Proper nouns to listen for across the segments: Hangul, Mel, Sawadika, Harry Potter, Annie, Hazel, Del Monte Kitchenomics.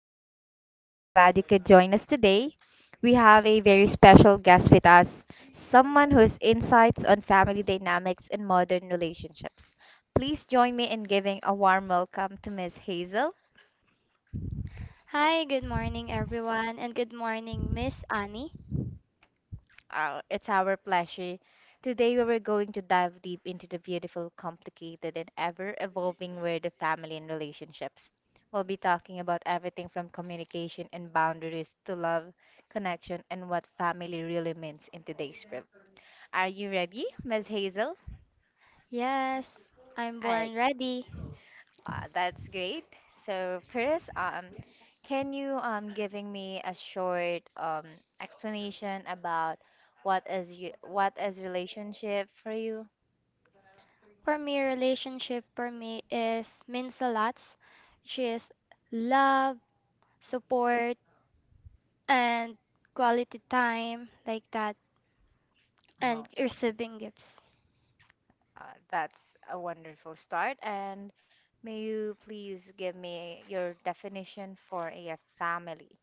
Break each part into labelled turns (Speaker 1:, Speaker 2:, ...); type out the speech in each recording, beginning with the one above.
Speaker 1: Annie. I'm so glad you could join us today. We have a very special guest with us, someone whose insights on family dynamics and modern relationships. Please join me in giving a warm welcome to Miss Hazel. It's our pleasure. Today, we are going to dive deep into the beautiful, complicated, and ever evolving world of family and relationships. We'll be talking about everything from communication and boundaries to love, connection, and what family really means in today's world. Are you ready, Ms. Hazel? I, that's great. So, first, can you giving me a short explanation about what is relationship for you? Oh, that's a wonderful start. And may you please give me your definition for a family?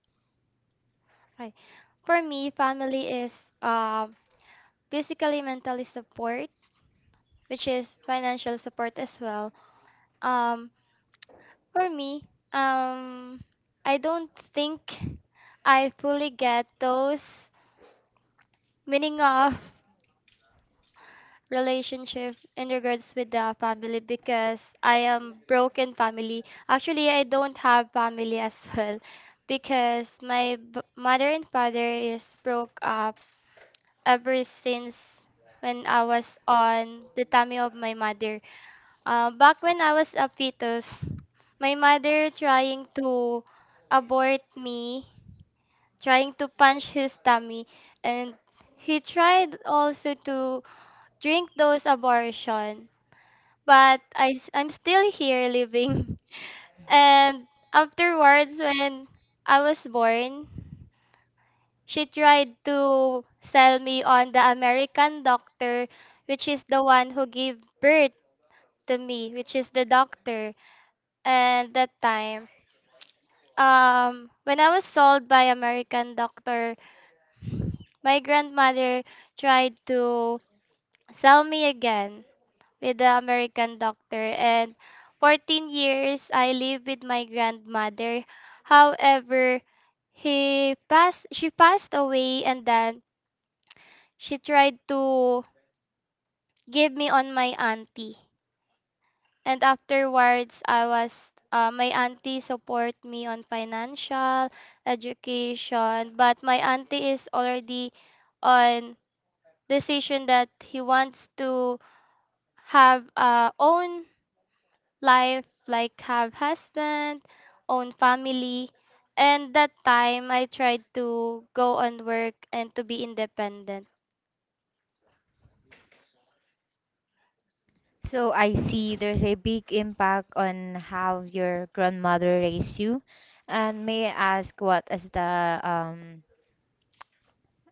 Speaker 1: So I see there's a big impact on how your grandmother raised you. And may I ask what is the um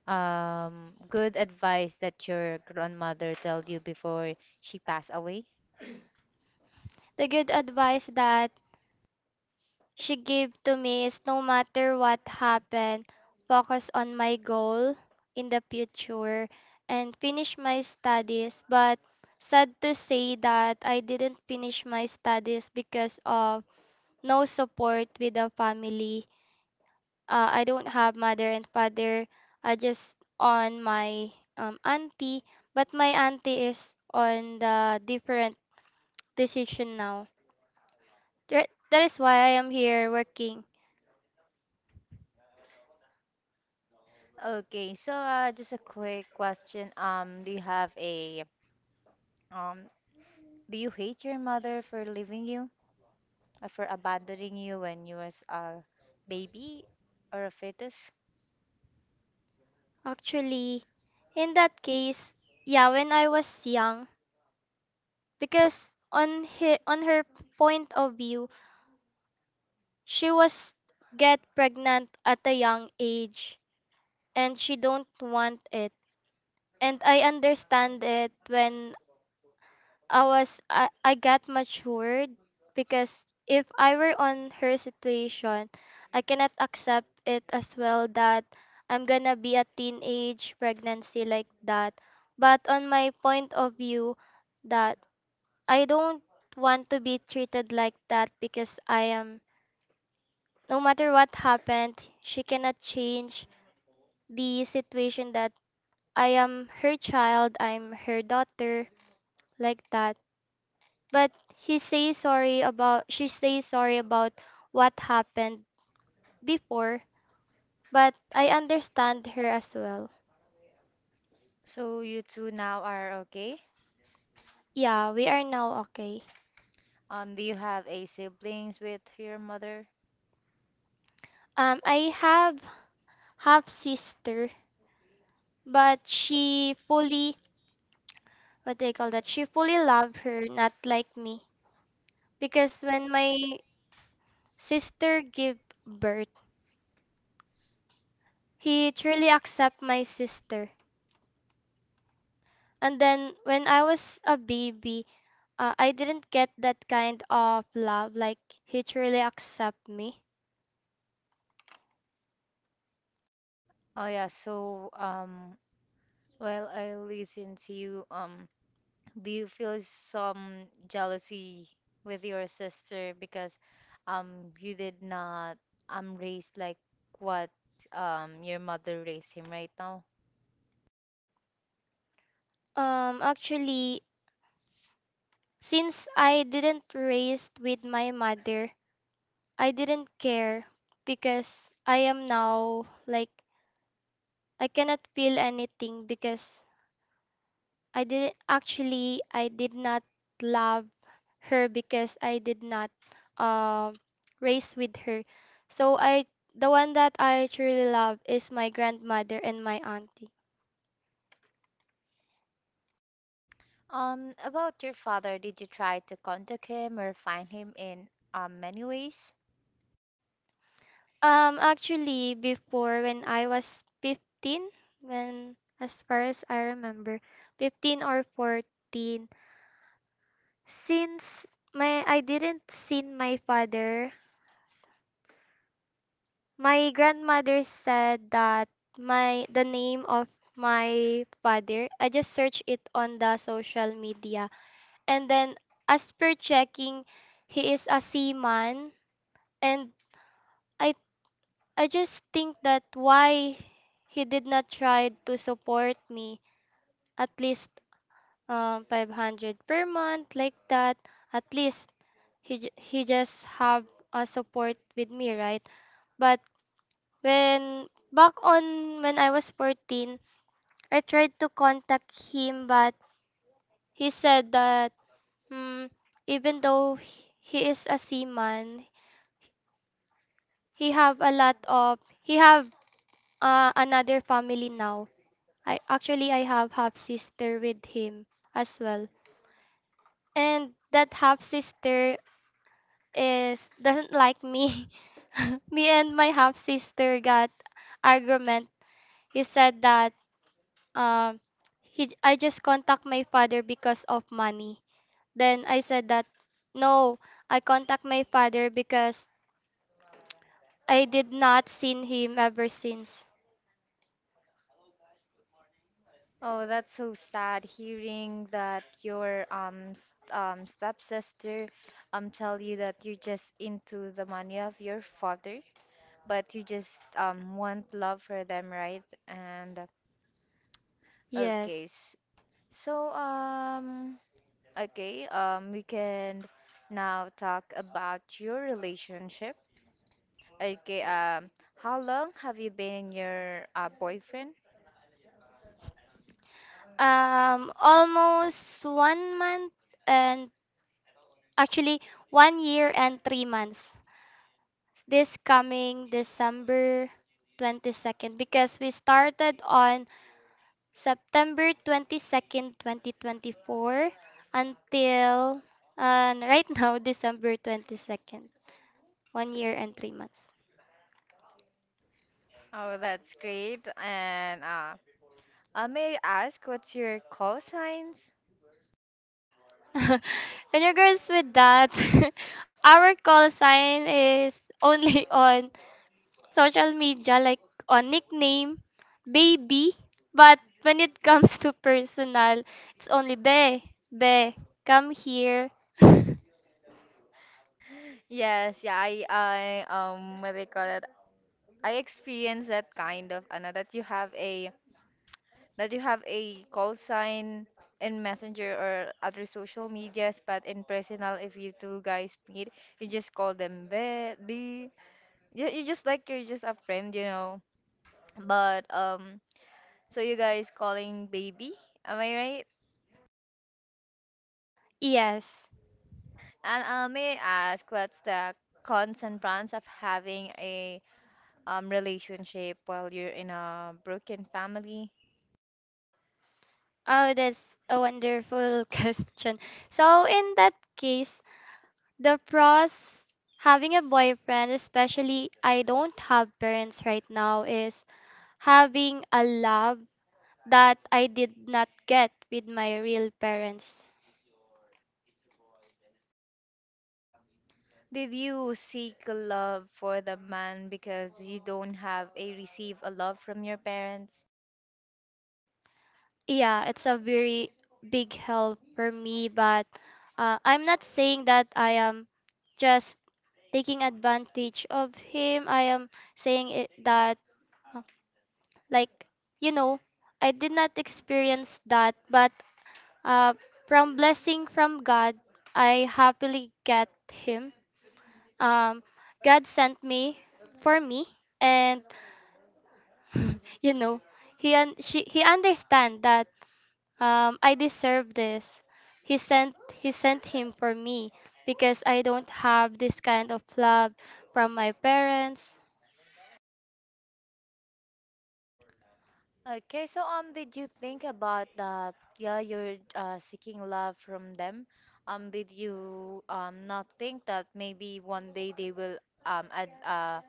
Speaker 1: um good advice that your grandmother told you before she passed away? Okay, so just a quick question. Do you have a um do you hate your mother for leaving you, for abandoning you when you was a baby or a fetus? So you two now are okay. Do you have a siblings with your mother? Oh yeah. So while I listen to you, do you feel some jealousy with your sister because you did not raise like what your mother raised him right now? About your father, did you try to contact him or find him in many ways? Oh, that's so sad hearing that your stepsister tell you that you're just into the money of your father, but you just want love for them, right? And okay, s- so okay we can now talk about your relationship. Okay, um, how long have you been in your boyfriend? Oh, that's great. And may I ask what's your call signs? Yes, yeah, what they call it? I experienced that kind of, Anna, that you have a call sign in Messenger or other social medias, but in personal, if you two guys meet, you just call them baby. You just like you're just a friend, you know. But So you guys calling baby, am I right? And may I ask what's the cons and pros of having a relationship while you're in a broken family? Did you seek love for the man because you don't have a receive a love from your parents? Okay, so did you think about that? Yeah, you're seeking love from them. Did you not think that maybe one day they will um ad- uh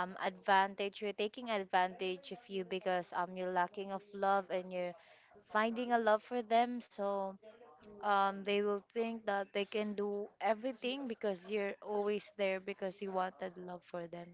Speaker 1: advantage you're taking advantage of you because you're lacking of love and you're finding a love for them, so they will think that they can do everything because you're always there because you wanted love for them.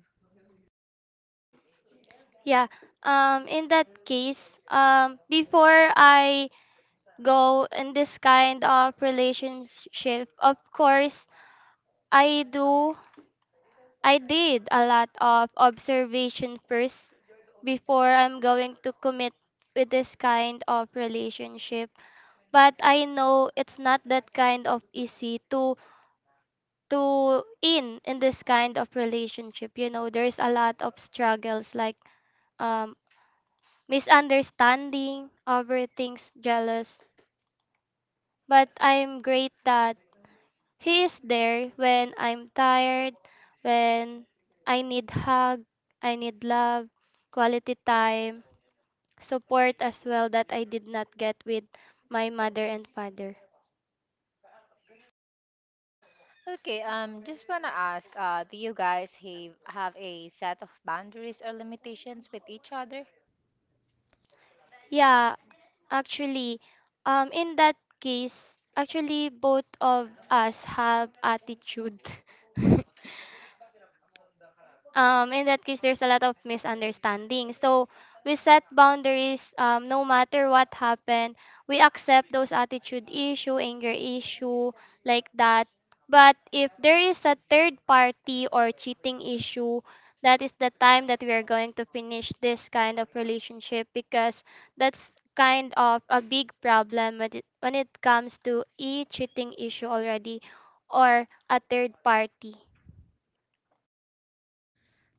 Speaker 1: Okay, just want to ask, do you guys have a set of boundaries or limitations with each other?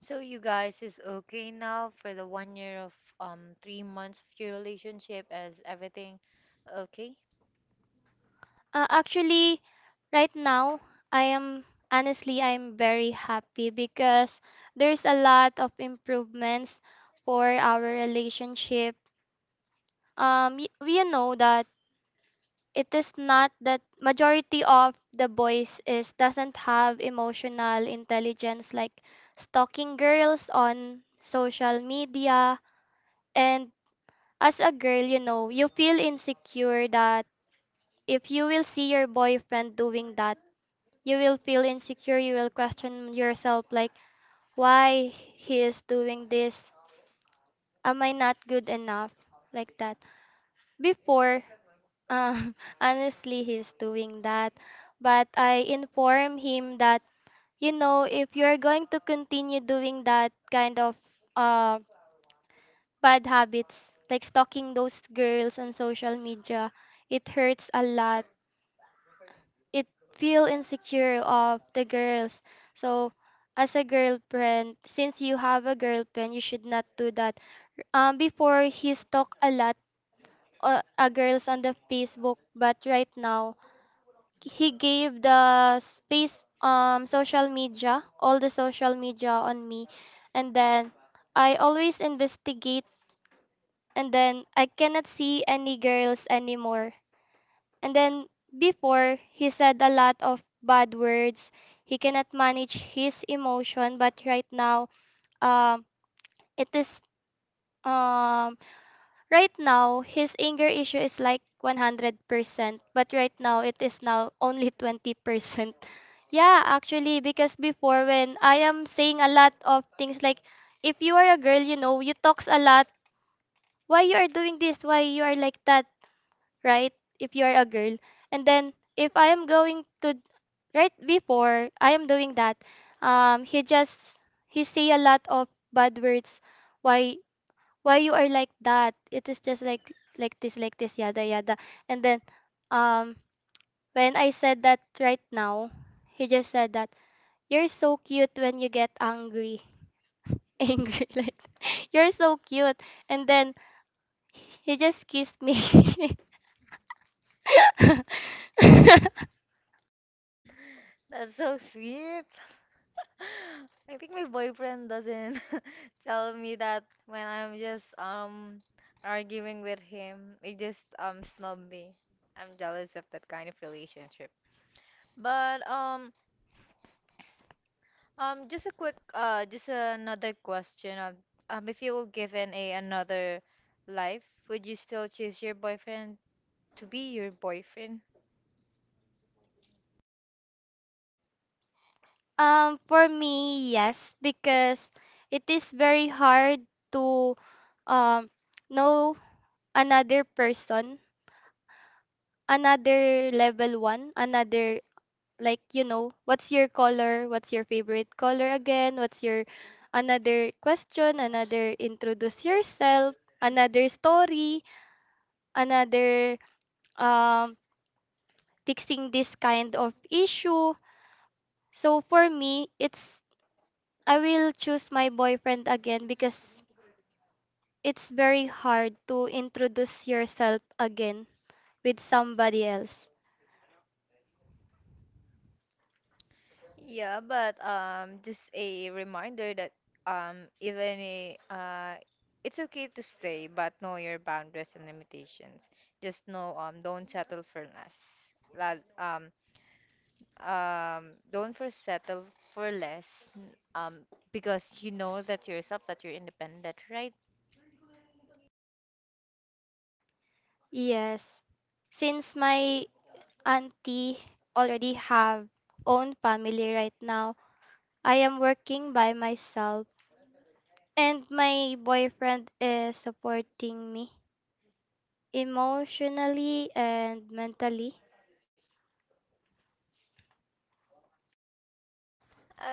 Speaker 1: So you guys is okay now for the one year of three months of your relationship, is everything okay? That's so sweet. I think my boyfriend doesn't tell me that when I'm just arguing with him. He just snub me. I'm jealous of that kind of relationship. But Just a quick just another question of, if you were given a another life, would you still choose your boyfriend to be your boyfriend? Yeah, but just a reminder that, um, even a, uh, it's okay to stay, but know your boundaries and limitations. Just know, don't settle for less. That don't first settle for less. n- Um, because you know that yourself that you're independent, right?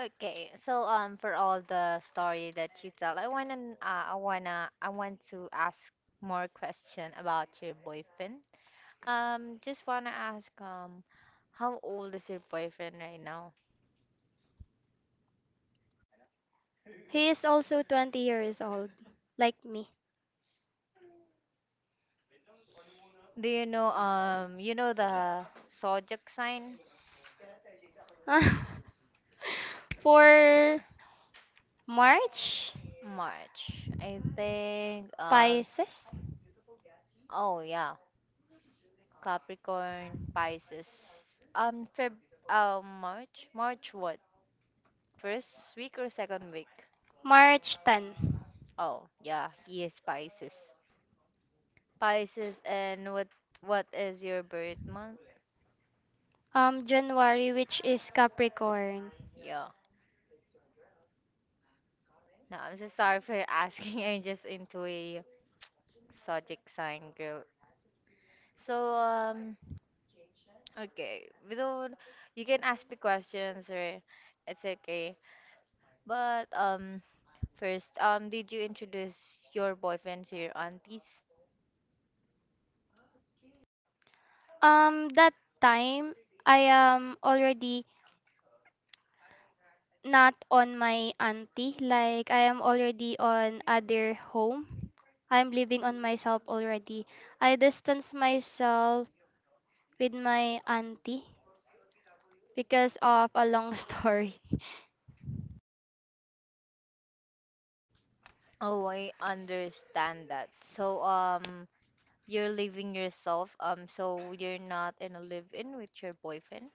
Speaker 1: Okay, so for all the story that you tell, I want to ask more question about your boyfriend. Just wanna ask, how old is your boyfriend right now? Do you know the zodiac sign? March. I think, oh yeah, Capricorn, Pisces. Um, Feb, March? March what? First week or second week? Oh, yeah, he is Pisces. And what is your birth month? Yeah. No, I'm so sorry for asking. I'm just into a exotic sign girl. So, okay. Without, you can ask me questions or it's okay. But, did you introduce your boyfriend to your aunties? Oh, I understand that. So, you're leaving yourself, so you're not in a live-in with your boyfriend.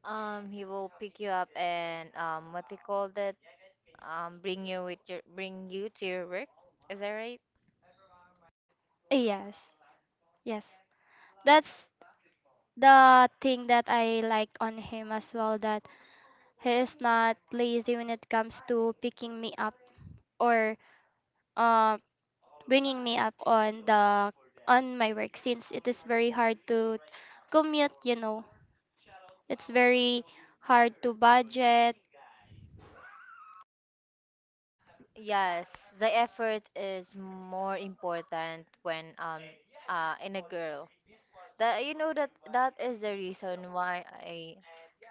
Speaker 1: He will pick you up and, what they call that? Bring you to your work. Is that right? Yes, the effort is more important when in a girl. That you know that that is the reason why I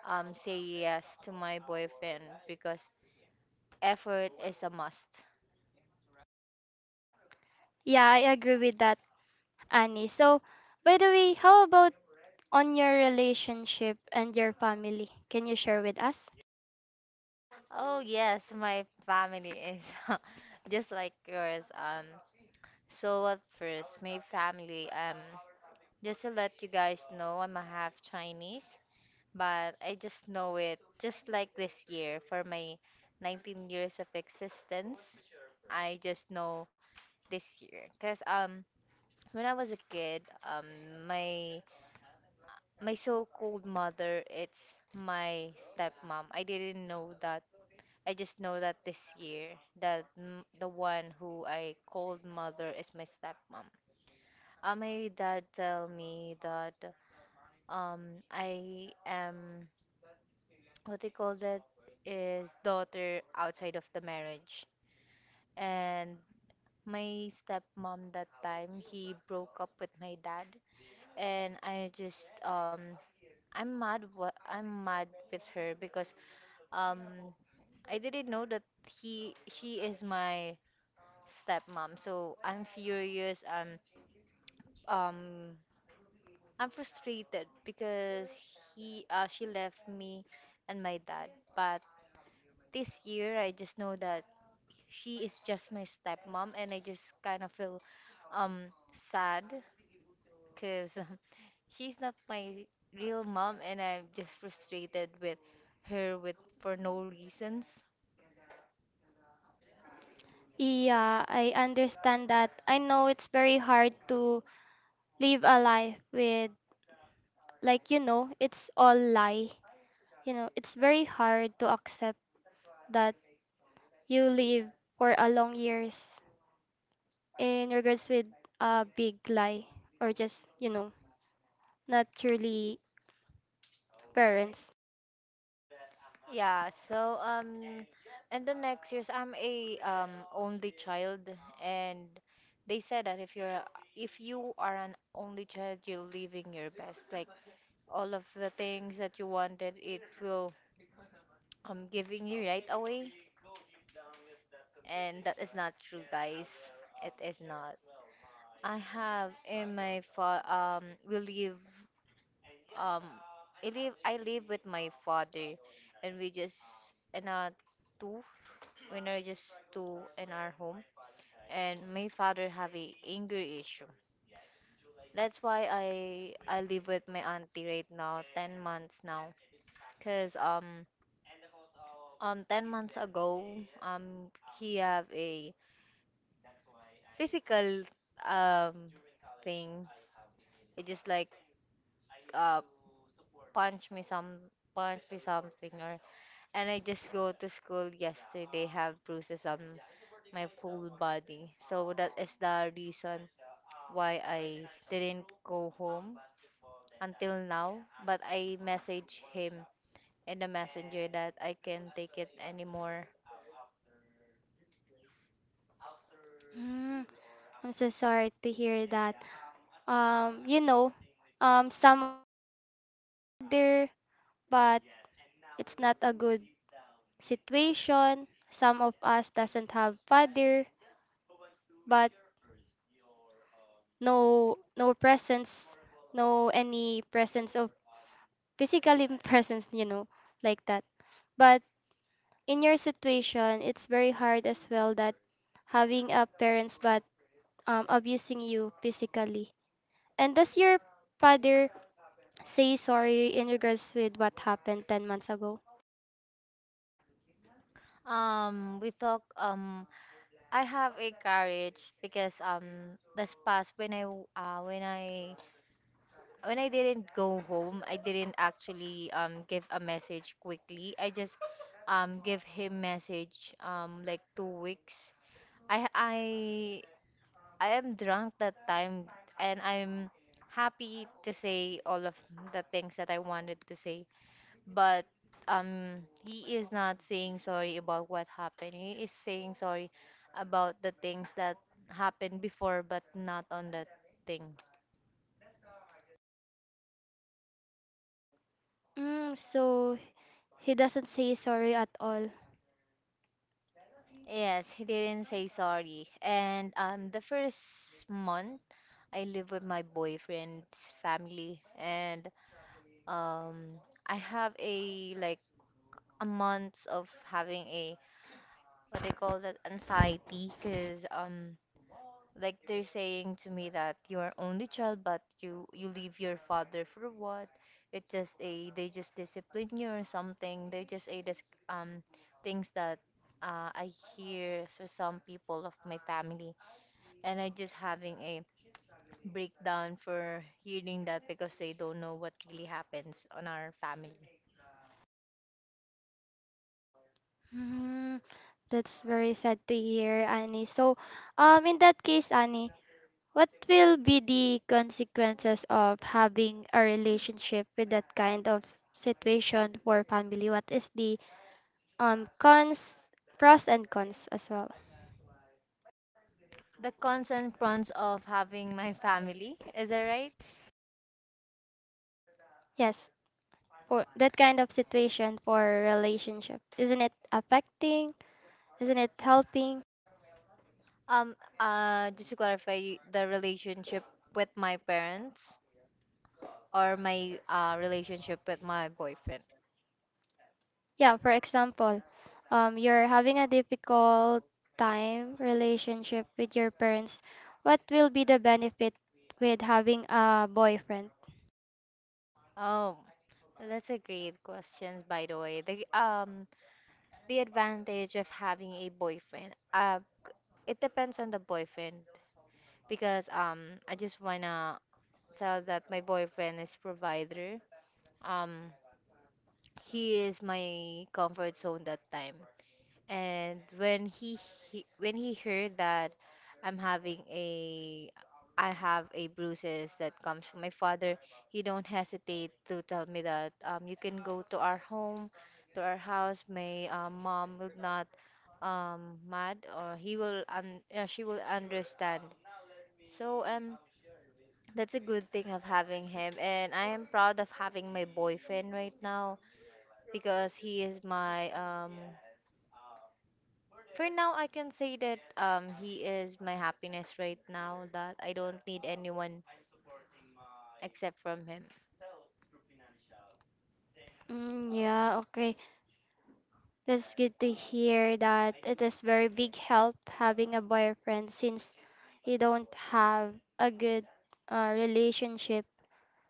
Speaker 1: say yes to my boyfriend because effort is a must. Oh yes, my family is just like yours. So at first, my family. Just to let you guys know, I'm a half Chinese, but I just know it. Just like this year, for my 19 years of existence, I just know this year. Cause when I was a kid, my so-called mother, it's my stepmom. I didn't know that. I just know that this year that the one who I called mother is my stepmom. My dad tell me that I am what they call that is daughter outside of the marriage. And my stepmom that time he broke up with my dad, and I just I'm mad with her because um I didn't know that he she is my stepmom. So I'm furious. Um I'm frustrated because he she left me and my dad. But this year I just know that she is just my stepmom, and I just kind of feel um sad because she's not my real mom, and I'm just frustrated with her with for no reasons. Yeah, so in the next years I'm a only child, and they said that if you are an only child you're living your best, like all of the things that you wanted it will giving you right away. And that is not true, guys. It is not. I have in my fa we live um I live I live with my father, and and uh two we are just two in our home, and my father have a anger issue. That's why I live with my auntie right now, ten months now, cause ten months ago um he have a physical um thing. It just like uh punch me some punch me something or, and I just go to school yesterday have bruises on my full body. So that is the reason why I didn't go home until now. But I message him in the messenger that I can't take it anymore.
Speaker 2: Father, but it's not a good situation. Some of us doesn't have father, but no presence, no any presence of physically presence, you know, like that. But in your situation, it's very hard as well that having a parents but abusing you physically. And does your father say sorry in regards with what happened 10 months ago?
Speaker 1: We talk, I have a courage because this past when I didn't go home, I didn't actually give a message quickly. I just give him message like two weeks. I I I am drunk that time and I'm happy to say all of the things that I wanted to say, but he is not saying sorry about what happened. He is saying sorry about the things that happened before but not on that thing.
Speaker 2: So he doesn't say sorry at all.
Speaker 1: Yes, he didn't say sorry. And the first month I live with my boyfriend's family, and I have a like a month of having a what they call that anxiety, because like they're saying to me that you are only child, but you leave your father for what? It just a they just discipline you or something. They just a dis um Things that, I hear for some people of my family, and I just having a breakdown for hearing that because they don't know what really happens on our family.
Speaker 2: Mm, that's very sad to hear, Annie. So, in that case, Annie, what will be the consequences of having a relationship with that kind of situation for family? What is the um cons, pros and cons as well?
Speaker 1: The cons and pros of having my family, is that right?
Speaker 2: Yes, for that kind of situation for relationship, isn't it affecting? Isn't it helping?
Speaker 1: Just to clarify, the relationship with my parents, or my relationship with my boyfriend?
Speaker 2: Yeah, for example, you're having a difficult time relationship with your parents. What will be the benefit with having a boyfriend?
Speaker 1: Oh, that's a great question, by the way. The advantage of having a boyfriend. It depends on the boyfriend because I just wanna tell that my boyfriend is provider. Um, he is my comfort zone that time. And he when he heard that I'm having a I have a bruises that comes from my father, he don't hesitate to tell me that you can go to our house. My mom will not mad, or he will she will understand. So um that's a good thing of having him, and I am proud of having my boyfriend right now because he is my For now, I can say that he is my happiness right now, that I don't need anyone except from him.
Speaker 2: Mm, yeah, okay. That's good to hear that it is very big help having a boyfriend since you don't have a good relationship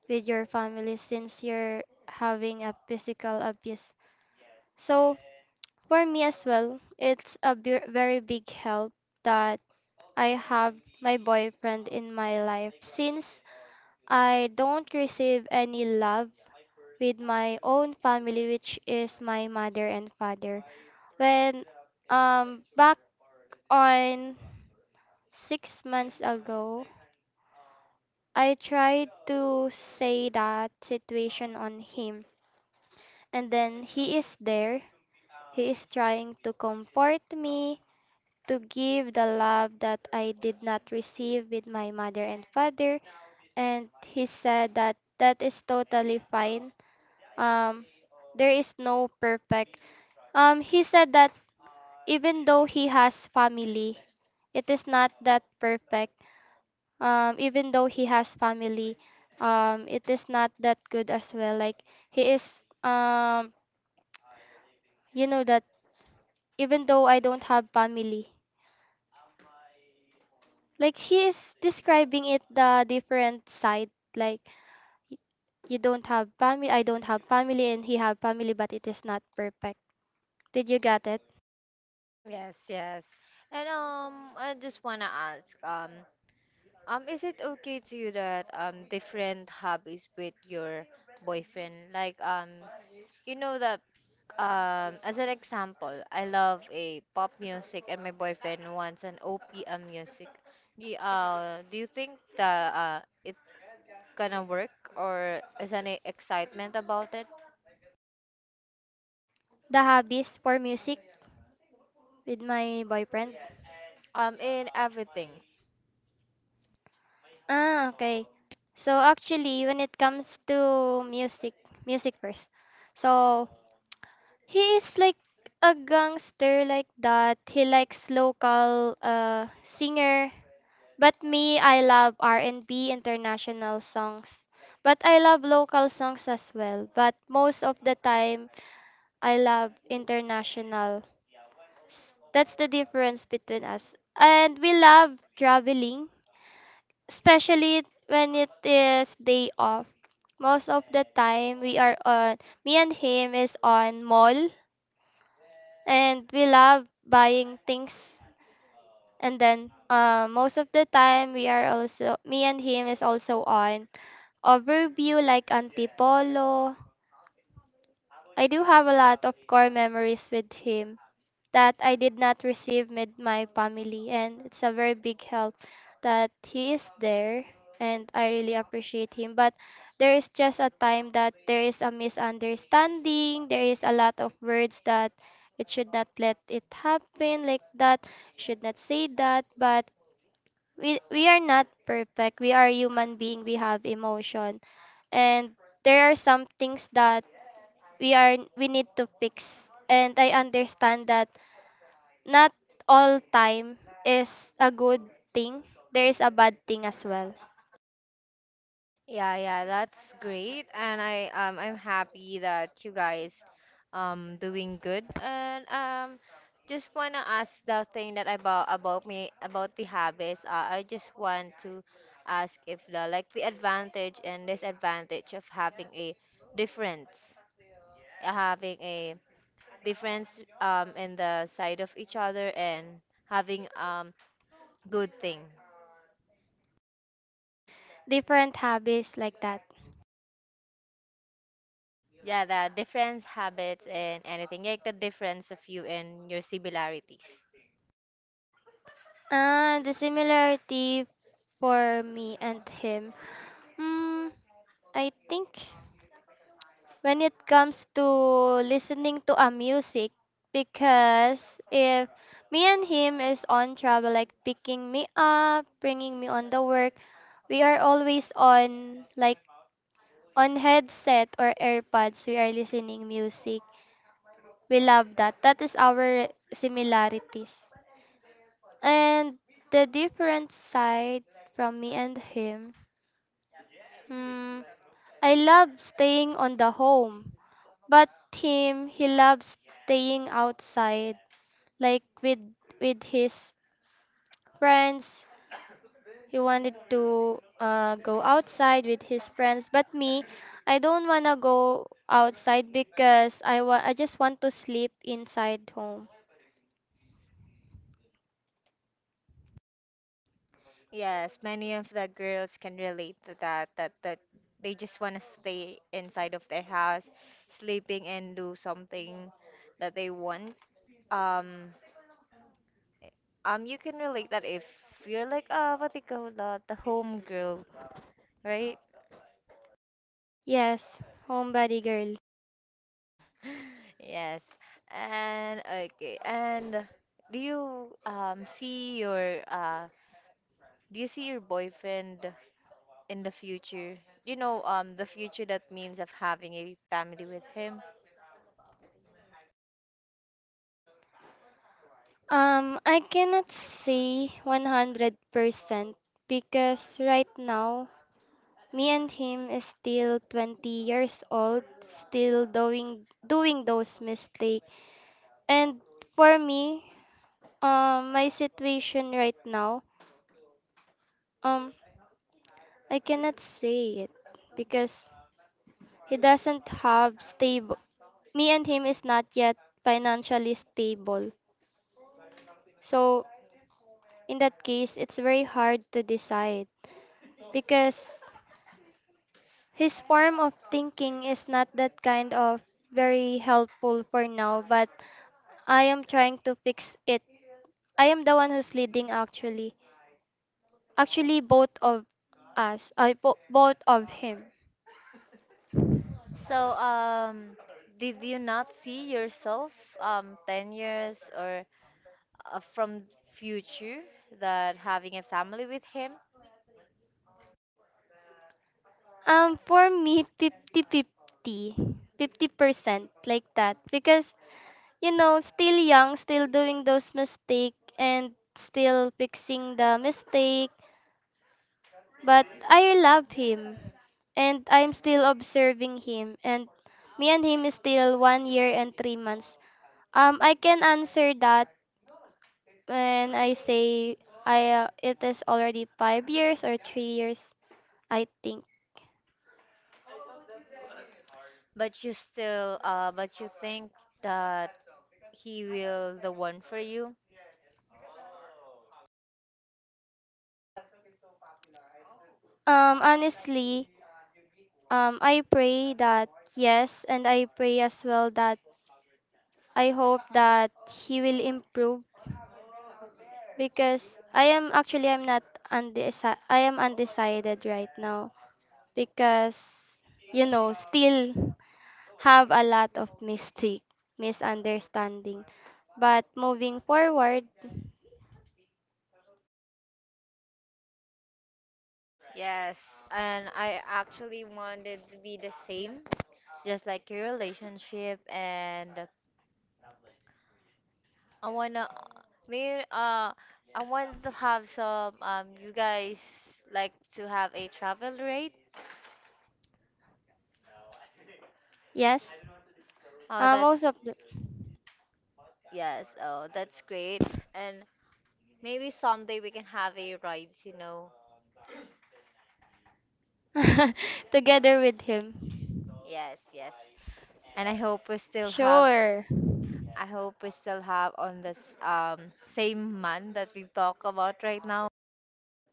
Speaker 2: with your family since you're having a physical abuse. So for me as well, very big help that I have my boyfriend in my life. Since I don't receive any love with my own family, which is my mother and father. When back on 6 months ago, I tried to say that situation on him, and then he is there. He is trying to comfort me, to give the love that I did not receive with my mother and father and he said that that is totally fine. Um, there is no perfect. He said that even though he has family, it is not that perfect. Even though he has family, it is not that good as well. Like he is, um, you know that even though I don't have family, like he is describing it the different side. Like y- you don't have family, I don't have family, and he have family but it is not perfect. Did you get it?
Speaker 1: Yes, yes. And I just wanna ask is it okay to you that different hobbies with your boyfriend? Like you know that as an example, I love a pop music, and my boyfriend wants an OPM music. Do you think that it gonna work, or is any excitement about it?
Speaker 2: The hobbies for music with my boyfriend.
Speaker 1: In everything.
Speaker 2: Ah, okay. So actually when it comes to music, music first. So he is like a gangster like that, he likes local singer, but me, I love R&B international songs, but I love local songs as well, but most of the time I love international. That's the difference between us. And we love traveling, especially when it is day off. Most of the time we are on, me and him is on mall, and we love buying things, and then most of the time we are also, me and him is also on overview like Antipolo. I do have a lot of core memories with him that I did not receive with my family, and it's a very big help that he is there, and I really appreciate him. But there is just a time that there is a misunderstanding, there is a lot of words that it should not let it happen like that, should not say that, but we are not perfect. We are human being, we have emotion. And there are some things that we need to fix. And I understand that not all time is a good thing. There is a bad thing as well.
Speaker 1: Yeah, yeah, that's great, and I I'm happy that you guys doing good, and just wanna ask the thing that about me about the habits. I just want to ask if the like the advantage and disadvantage of difference, having a difference in the side of each other, and having good thing.
Speaker 2: Different habits like that.
Speaker 1: Yeah, the difference habits and anything like the difference of you and your similarities.
Speaker 2: And the similarity for me and him. Hmm, I think when it comes to listening to a music, because if me and him is on travel, like picking me up, bringing me on the work, we are always on like on headset or AirPods. We are listening music. We love that. That is our similarities. And the different side from me and him. Hmm, I love staying on the home, but him, he loves staying outside, like with his friends. He wanted to go outside with his friends, but me, I don't wanna go outside because I just want to sleep inside home.
Speaker 1: Yes, many of the girls can relate to that, that they just want to stay inside of their house, sleeping and do something that they want. Um, you can relate that if you're like, what they call that, the home girl, right?
Speaker 2: Yes, homebody girl.
Speaker 1: Yes. And okay, and do you see your Do you see your boyfriend in the future? You know, the future that means of having a family with him.
Speaker 2: I cannot say 100% because right now me and him is still 20 years old, still doing those mistakes. And for me, my situation right now, um, I cannot say it because he doesn't have stable. Me and him is not yet financially stable. So in that case, it's very hard to decide because his form of thinking is not that kind of very helpful for now, but I am trying to fix it. I am the one who's leading actually. Actually both of us. Both of him.
Speaker 1: So, did you not see yourself 10 years or from future, that having a family with him,
Speaker 2: For me 50-50. 50-50, 50% like that because you know still young, still doing those mistake and still fixing the mistake. But I love him and I'm still observing him and me and him is still 1 year and 3 months. I can answer that when I say I it is already 5 years or 3 years I think.
Speaker 1: but you still but you think that he will the one for you?
Speaker 2: Honestly, I pray that yes and I pray as well that I hope that he will improve because I'm not I am undecided right now. Because you know still have a lot of mistake, misunderstanding, but moving forward.
Speaker 1: Yes, and I actually wanted to be the same. Just like your relationship. And I wanna me I want to have some you guys like to have a travel rate.
Speaker 2: Yes,
Speaker 1: Oh that's
Speaker 2: most of the
Speaker 1: yes, oh that's great. And maybe someday we can have a ride, you know.
Speaker 2: together with him.
Speaker 1: Yes, yes. And I hope we still have
Speaker 2: Sure.
Speaker 1: I hope we still have on this same month that we talk about right now.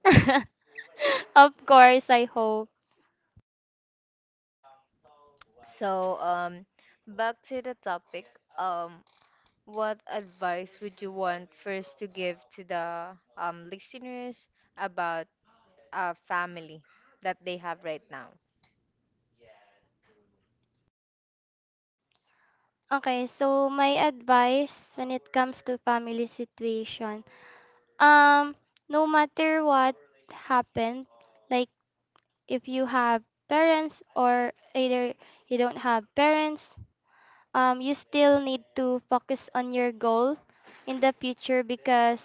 Speaker 2: Of course I hope.
Speaker 1: So back to the topic. Um What advice would you want first to give to the listeners about a family that they have right now?
Speaker 2: Okay, so my advice when it comes to family situation, um no matter what happened, like if you have parents or either you don't have parents, you still need to focus on your goal in the future because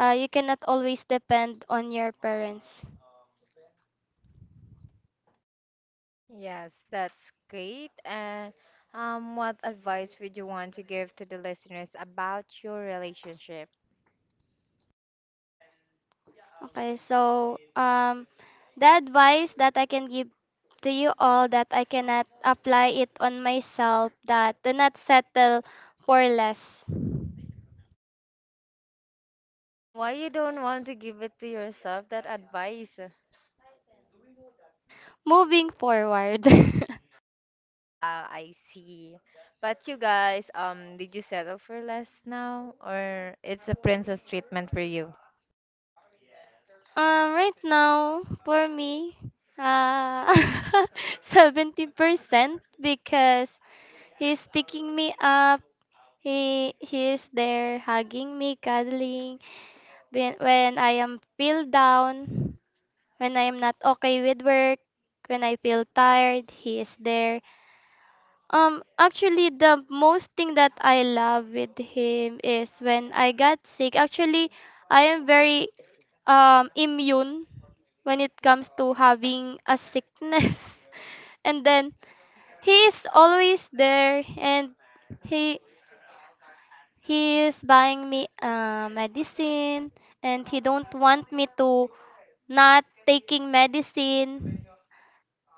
Speaker 2: you cannot always depend on your parents.
Speaker 1: Yes, that's great. And what advice would you want to give to the listeners about your relationship?
Speaker 2: Okay, so the advice that I can give to you all that I cannot apply it on myself, that do not settle for less.
Speaker 1: Why you don't want to give it to yourself, that advice?
Speaker 2: Moving forward.
Speaker 1: Ah, I see. But you guys, did you settle for less now, or it's a princess treatment for you?
Speaker 2: Right now, for me, uh, 70% because he's picking me up. He is there hugging me, cuddling when I am feel down, when I am not okay with work, when I feel tired, he is there. Actually the most thing that I love with him is when I got sick. Actually, I am very immune when it comes to having a sickness. And then he is always there and he he is buying me medicine and he don't want me to not taking medicine.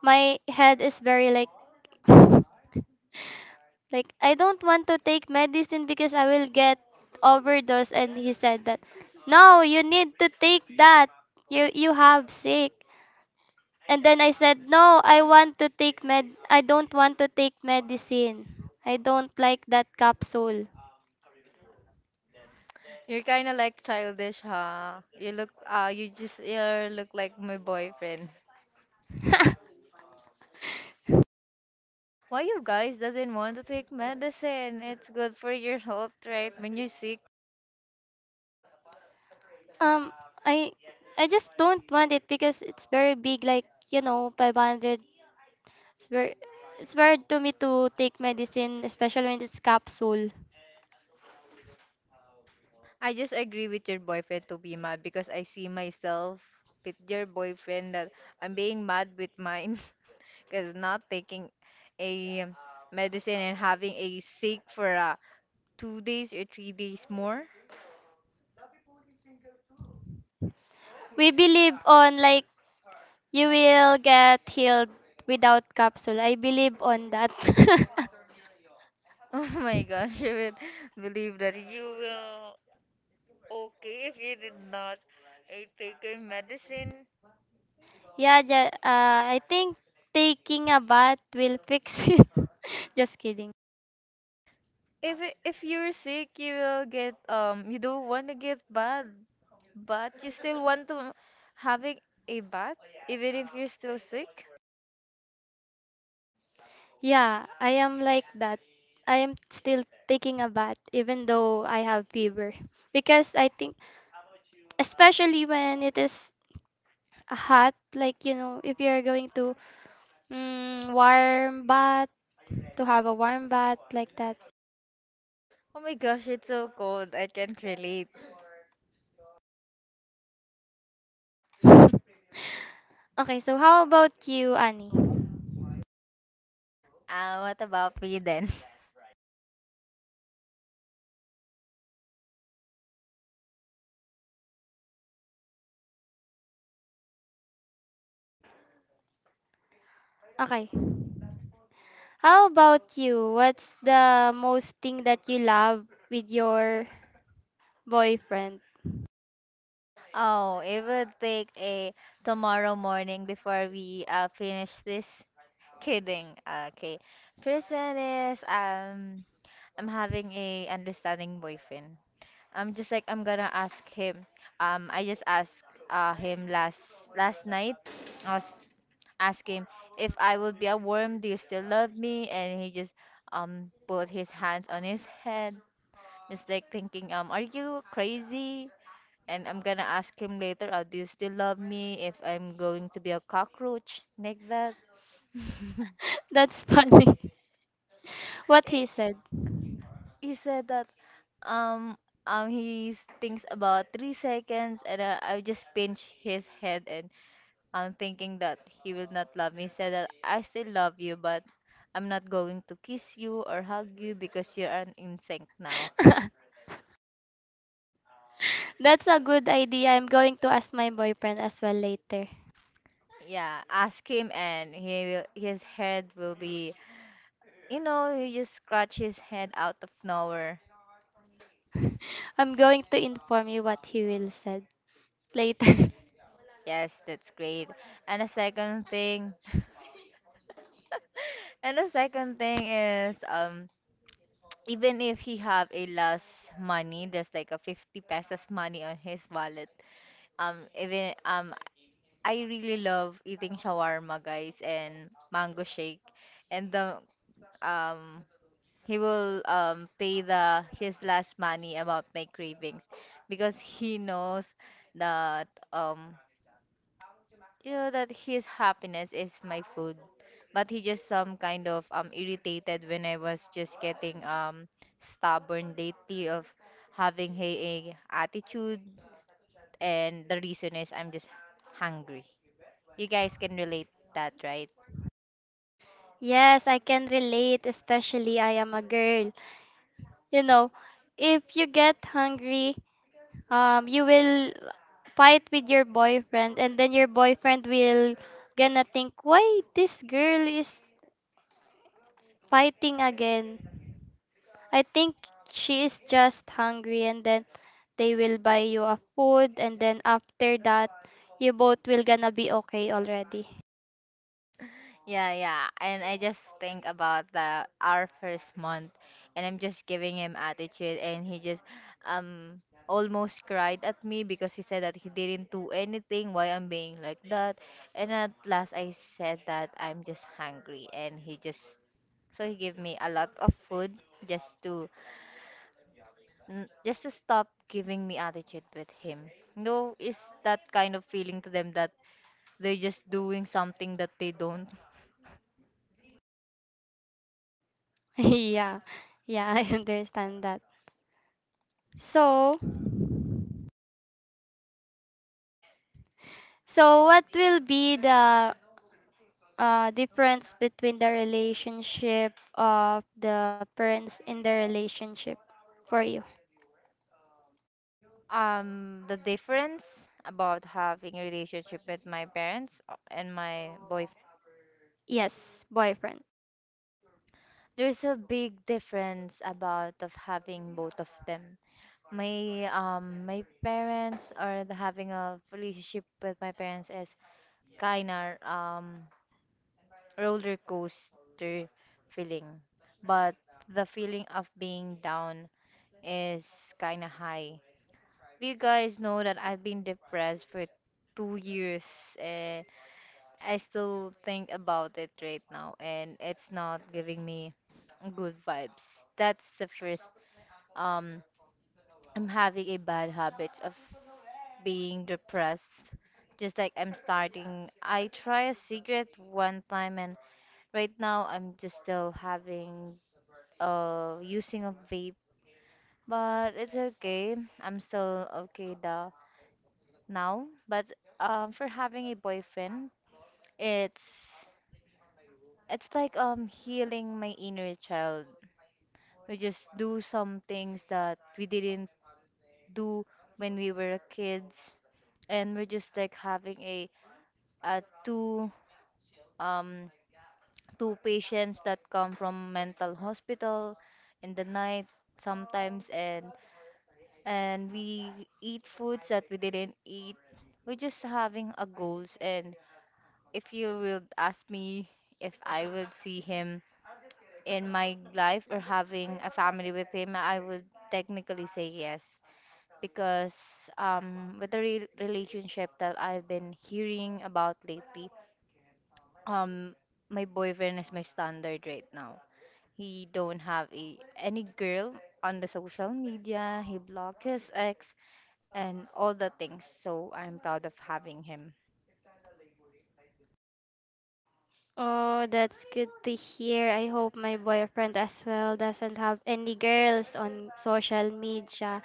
Speaker 2: My head is very like like I don't want to take medicine because I will get overdose and he said that no, you need to take that, you have sick. And then I said no, I want to take med I don't want to take medicine, I don't like that capsule.
Speaker 1: You're kind of like childish, huh? You look, you just, you look like my boyfriend. Why you guys doesn't want to take medicine? It's good for your health, right? When you're sick.
Speaker 2: Um, I I just don't want it because it's very big, like you know, 500. It's very it's hard to me to take medicine, especially when it's capsule.
Speaker 1: I just agree with your boyfriend to be mad, because I see myself with your boyfriend that I'm being mad with mine because not taking a medicine, and having a sick for 2 days or 3 days more.
Speaker 2: We believe on like you will get healed without capsule. I believe on that.
Speaker 1: Oh my gosh, I would believe that you will. Okay, if you did not take a medicine,
Speaker 2: Yeah, I think taking a bath will fix it. Just kidding.
Speaker 1: If you're sick, you will get you don't want to get bath, but you still want to having a bath even if you're still sick.
Speaker 2: Yeah, I am like that. I am still taking a bath even though I have fever because I think especially when it is hot, like you know, if you're going to warm bath, to have a warm bath like that.
Speaker 1: Oh my gosh, it's so cold. I can't relate.
Speaker 2: Okay, so how about you, Annie?
Speaker 1: What about me then?
Speaker 2: Okay, how about you, what's the most thing that you love with your boyfriend?
Speaker 1: Oh, it would take a tomorrow morning before we finish this. Kidding. Okay. Prison is I'm having a understanding boyfriend. I'm just like I'm gonna ask him. I just asked him last night. I was asking if I would be a worm. Do you still love me? And he just put his hands on his head, just like thinking, are you crazy? And I'm gonna ask him later. Do you still love me, if I'm going to be a cockroach like that?
Speaker 2: That's funny. What
Speaker 1: he
Speaker 2: he said.
Speaker 1: he said that um he thinks about 3 seconds, and I just pinch his head, and I'm thinking that he will not love me. He said that I still love you, but I'm not going to kiss you or hug you because you're an insect now.
Speaker 2: That's a good idea, I'm going to ask my boyfriend as well later.
Speaker 1: Yeah, ask him, and he will, his head will be, you know, he just scratch his head out of nowhere.
Speaker 2: I'm going to inform you what he will said later.
Speaker 1: Yes, that's great. And the second thing, and the second thing is, even if he have a less money, there's like a 50 pesos money on his wallet. Even I really love eating shawarma, guys, and mango shake. And the um he will pay the his last money about my cravings, because he knows that um you know that his happiness is my food. But he just some kind of irritated when I was just getting stubborn lately of having a attitude, and the reason is I'm just hungry. You guys can relate that, right?
Speaker 2: Yes, I can relate, especially I am a girl. You know, if you get hungry, you will fight with your boyfriend, and then your boyfriend will gonna think, why this girl is fighting again? I think she is just hungry, and then they will buy you a food, and then after that, you both will gonna be okay already.
Speaker 1: Yeah, yeah. And I just think about the our first month, and I'm just giving him attitude, and he just um almost cried at me, because he said that he didn't do anything why I'm being like that. And at last I said that I'm just hungry, and he just so he gave me a lot of food, just to just to stop giving me attitude with him. No, is that kind of feeling to them that they're just doing something that they don't
Speaker 2: Yeah, yeah, I understand that. So. So, what will be the difference between the relationship of the parents in the relationship for you?
Speaker 1: The difference about having a relationship with my parents and my boyfriend,
Speaker 2: Yes, boyfriend.
Speaker 1: there's a big difference about of having both of them. My parents, or the having a relationship with my parents, is kinda roller coaster feeling, but the feeling of being down is kinda high. Do you guys know that I've been depressed for 2 years, and I still think about it right now, and it's not giving me good vibes. That's the first. Um, I'm having a bad habit of being depressed. Just like I'm starting, I try a cigarette one time, and right now I'm just still having using a vape. But it's okay. I'm still okay da now. But for having a boyfriend, it's it's like healing my inner child. We just do some things that we didn't do when we were kids, and we're just like having a two um two patients that come from mental hospital in the night sometimes, and we eat foods that we didn't eat. We're just having a goals, and if you will ask me if I will see him in my life, or having a family with him, I would technically say yes. Because with the relationship that I've been hearing about lately, um, my boyfriend is my standard right now. He don't have a any girl on the social media. He blocked his ex, and all the things. So I'm proud of having him.
Speaker 2: Oh, that's good to hear. I hope my boyfriend as well doesn't have any girls on social media.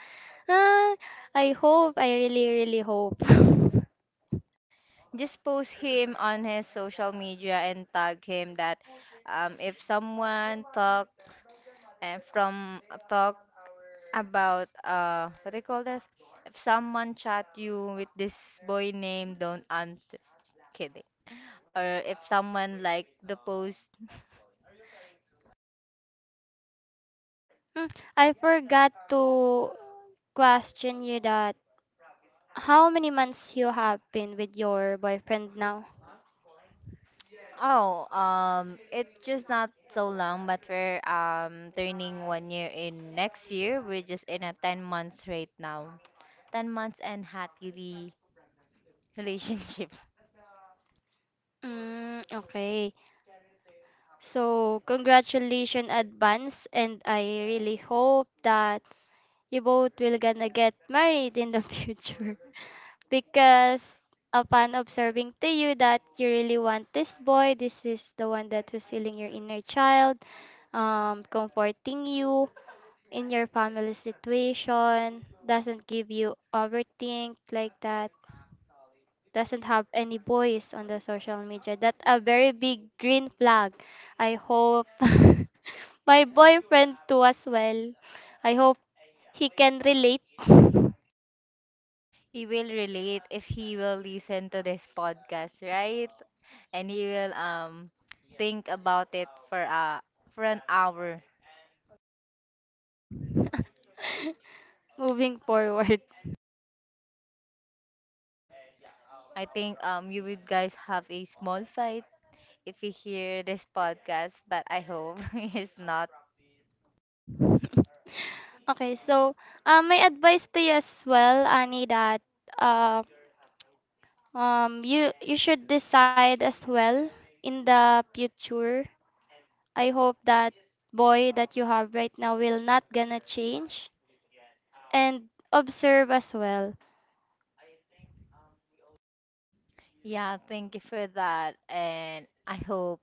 Speaker 2: Ah, I hope. I really, really hope.
Speaker 1: Just post him on his social media and tag him that if someone talk, and from a talk about what do you call this? If someone chat you with this boy name, don't answer. Kidding. Or if someone like the post,
Speaker 2: Mm, I forgot to question you that how many months you have been with your boyfriend now?
Speaker 1: oh it's just not so long, but we're turning 1 year in next year. We're just in a 10 months right now. 10 months and happily relationship.
Speaker 2: Mm, okay. So, congratulations advance and I really hope that you both will gonna get married in the future because upon observing to you that you really want this boy, this is the one that was healing your inner child, comforting you in your family situation, doesn't give you overthink like that. Doesn't have any voice on the social media. That's a very big green flag. I hope my boyfriend too as well. I hope he can relate.
Speaker 1: He will relate if he will listen to this podcast, right? And he will think about it for an hour.
Speaker 2: Moving forward.
Speaker 1: I think you would guys have a small fight if you hear this podcast, but I hope it's not.
Speaker 2: Okay, so my advice to you as well, Annie, that uh, you should decide as well in the future. I hope that boy that you have right now will not gonna change and observe as well.
Speaker 1: Yeah, thank you for that, and I hope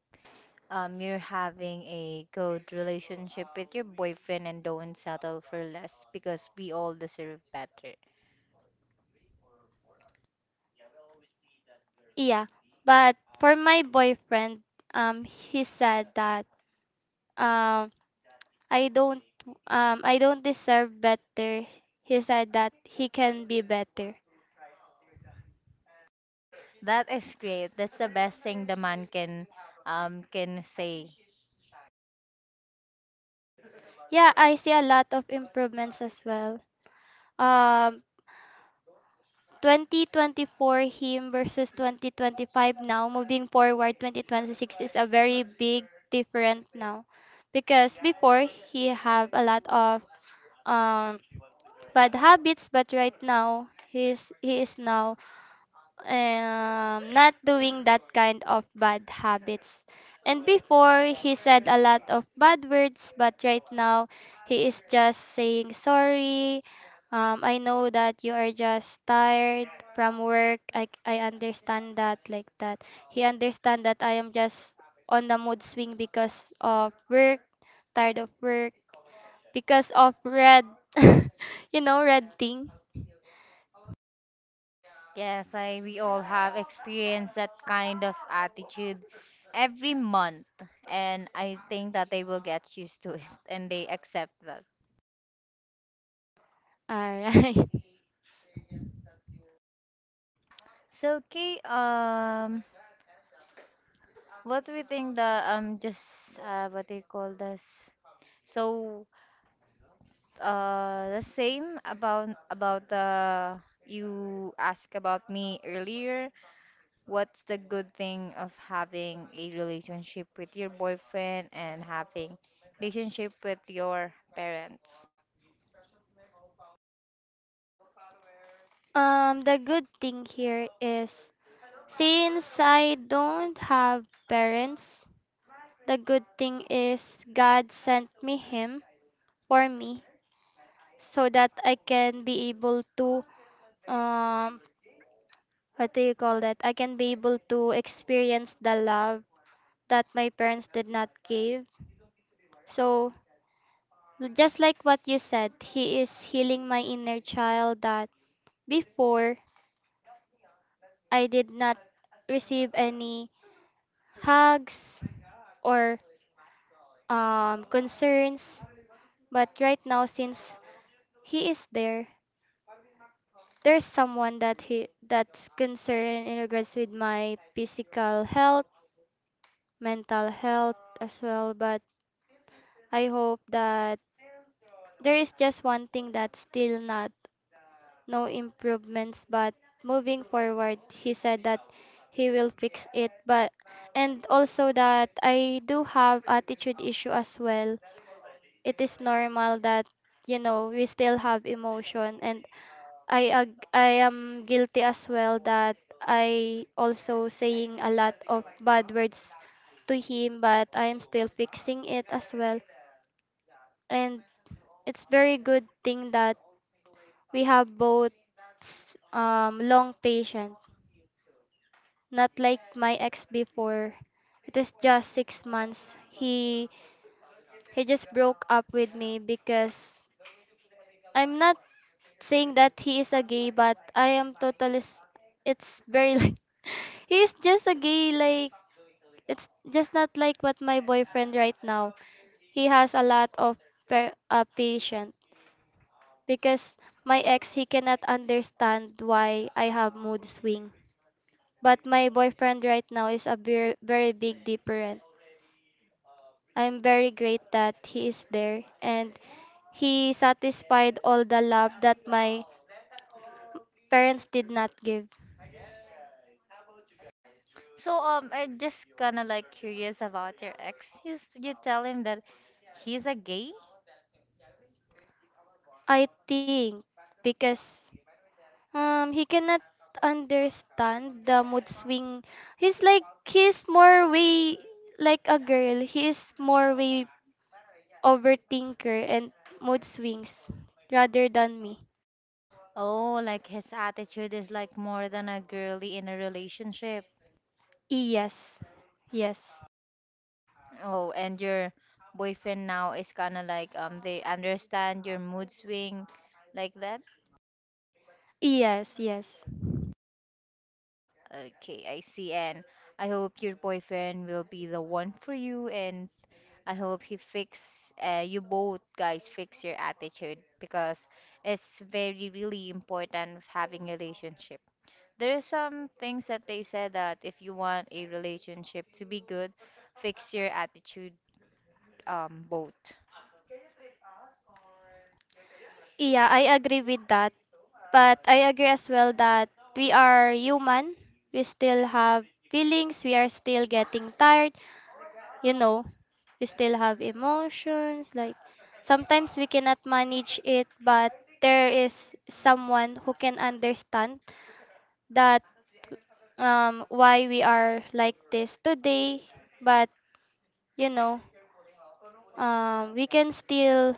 Speaker 1: you're having a good relationship with your boyfriend, and don't settle for less, because we all deserve better.
Speaker 2: Yeah, but for my boyfriend, he said that um, I don't I don't deserve better. He said that he can be better.
Speaker 1: That is great. That's the best thing the man can say.
Speaker 2: Yeah, I see a lot of improvements as well. Um, 2024 him versus 2025 now moving forward 2026 is a very big difference now because before he have a lot of um bad habits, but right now he is now not doing that kind of bad habits. And before he said a lot of bad words, but right now he is just saying sorry. I know that you are just tired from work. I understand that like that. He understand that I am just on the mood swing because of work, tired of work, because of red, you know, red thing.
Speaker 1: Yes, I we all have experienced that kind of attitude every month, and I think that they will get used to it and they accept that.
Speaker 2: All right.
Speaker 1: So okay, what do we think the just what they call this? So the same about the you asked about me earlier. What's the good thing of having a relationship with your boyfriend, and having relationship with your parents?
Speaker 2: The good thing here is since I don't have parents, the good thing is God sent me him for me so that I can be able to um what do you call that? I can be able to experience the love that my parents did not give. So just like what you said, he is healing my inner child that before I did not receive any hugs, or concerns. But right now, since he is there, there's someone that he that's concerned in regards with my physical health, mental health as well. But I hope that there is just one thing that's still not no improvements. But moving forward, he said that he will fix it. But and also that I do have attitude issue as well, it is normal that you know we still have emotion, and I am guilty as well that I also saying a lot of bad words to him, but I am still fixing it as well. And it's very good thing that we have both long patient, not like my ex before. It is just 6 months, he he just broke up with me because I'm not saying that he is a gay, but I am totally. It's very like he's just a gay. Like it's just not like what my boyfriend right now. He has a lot of patient because my ex he cannot understand why I have mood swing. But my boyfriend right now is a very big different. I'm very great that he is there and he satisfied all the love that my parents did not give.
Speaker 1: So I'm just kinda like curious about your ex. You tell him that he's a gay?
Speaker 2: I think because he cannot understand the mood swing. He's like he's more way like a girl. He is more way overthinker and mood swings rather than me.
Speaker 1: Oh, like his attitude is like more than a girly in a relationship.
Speaker 2: Yes. Yes.
Speaker 1: Oh, and your boyfriend now is kinda like they understand your mood swing, like that.
Speaker 2: Yes, yes.
Speaker 1: Okay, I see. And I hope your boyfriend will be the one for you. And I hope he fix, you both guys fix your attitude, because it's very, really important of having a relationship. There are some things that they said that if you want a relationship to be good, fix your attitude, both.
Speaker 2: Yeah, I agree with that. But I agree as well that we are human. We still have feelings. We are still getting tired. You know, we still have emotions like sometimes we cannot manage it, but there is someone who can understand that why we are like this today. But you know, we can still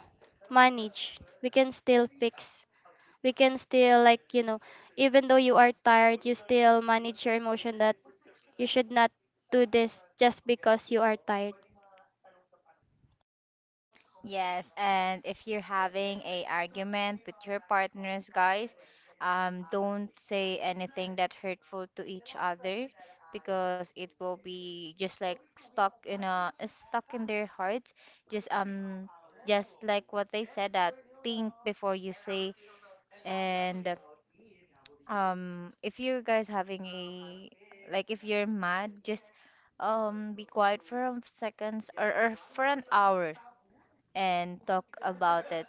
Speaker 2: manage, we can still fix, we can still like you know, even though you are tired, you still manage your emotion that you should not do this just because you are tired.
Speaker 1: Yes, and if you're having a argument with your partners, guys, don't say anything that hurtful to each other, because it will be just like stuck in a stuck in their hearts. Just um, just like what they said that think before you say, and if you guys having a like if you're mad, just be quiet for a seconds, or for an hour, and talk about it.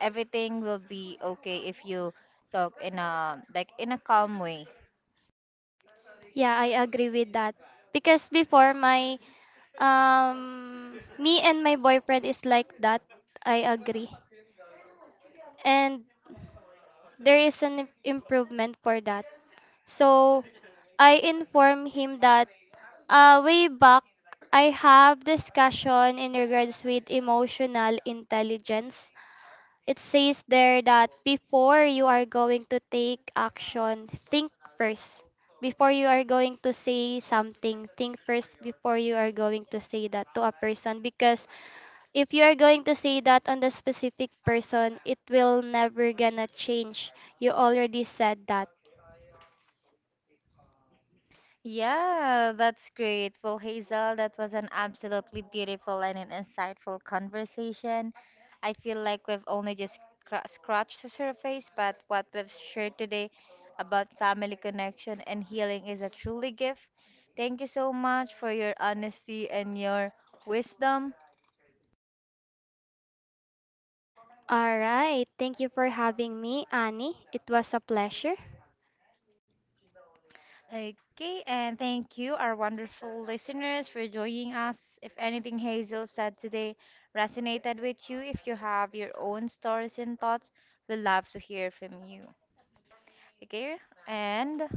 Speaker 1: Everything will be okay if you talk in a like in a calm way.
Speaker 2: Yeah, I agree with that. Because before my me and my boyfriend is like that. I agree. And there is an improvement for that. So I inform him that way back I have discussion in regards with emotional intelligence. It says there that before you are going to take action, think first. Before you are going to say something, think first before you are going to say that to a person. Because if you are going to say that on the specific person, it will never gonna change. You already said that.
Speaker 1: Yeah, that's great. Well, Hazel, that was an absolutely beautiful and an insightful conversation. I feel like we've only just scratched the surface, but what we've shared today about family connection and healing is a truly gift. Thank you so much for your honesty and your wisdom.
Speaker 2: All right. Thank you for having me, Annie. It was a pleasure.
Speaker 1: Okay, and thank you, our wonderful listeners, for joining us. If anything Hazel said today resonated with you, if you have your own stories and thoughts, we'd love to hear from you. Okay, and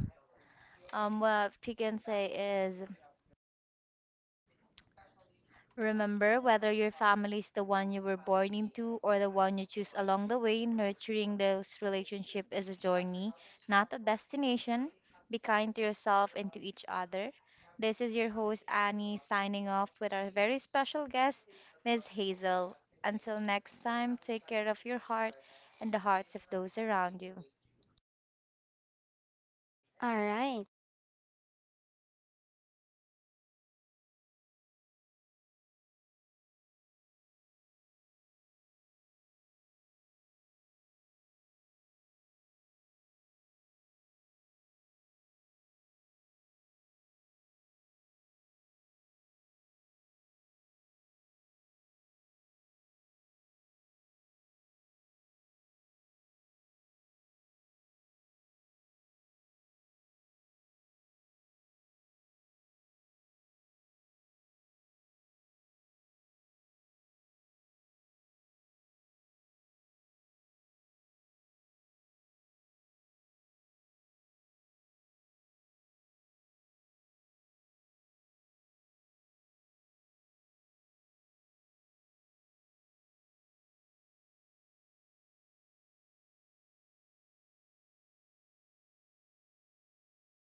Speaker 1: what we can say is Remember, whether your family is the one you were born into or the one you choose along the way, nurturing those relationships is a journey, not a destination. Be kind to yourself and to each other. This is your host, Annie, signing off with our very special guest, Ms. Hazel. Until next time, take care of your heart and the hearts of those around you.
Speaker 2: All right.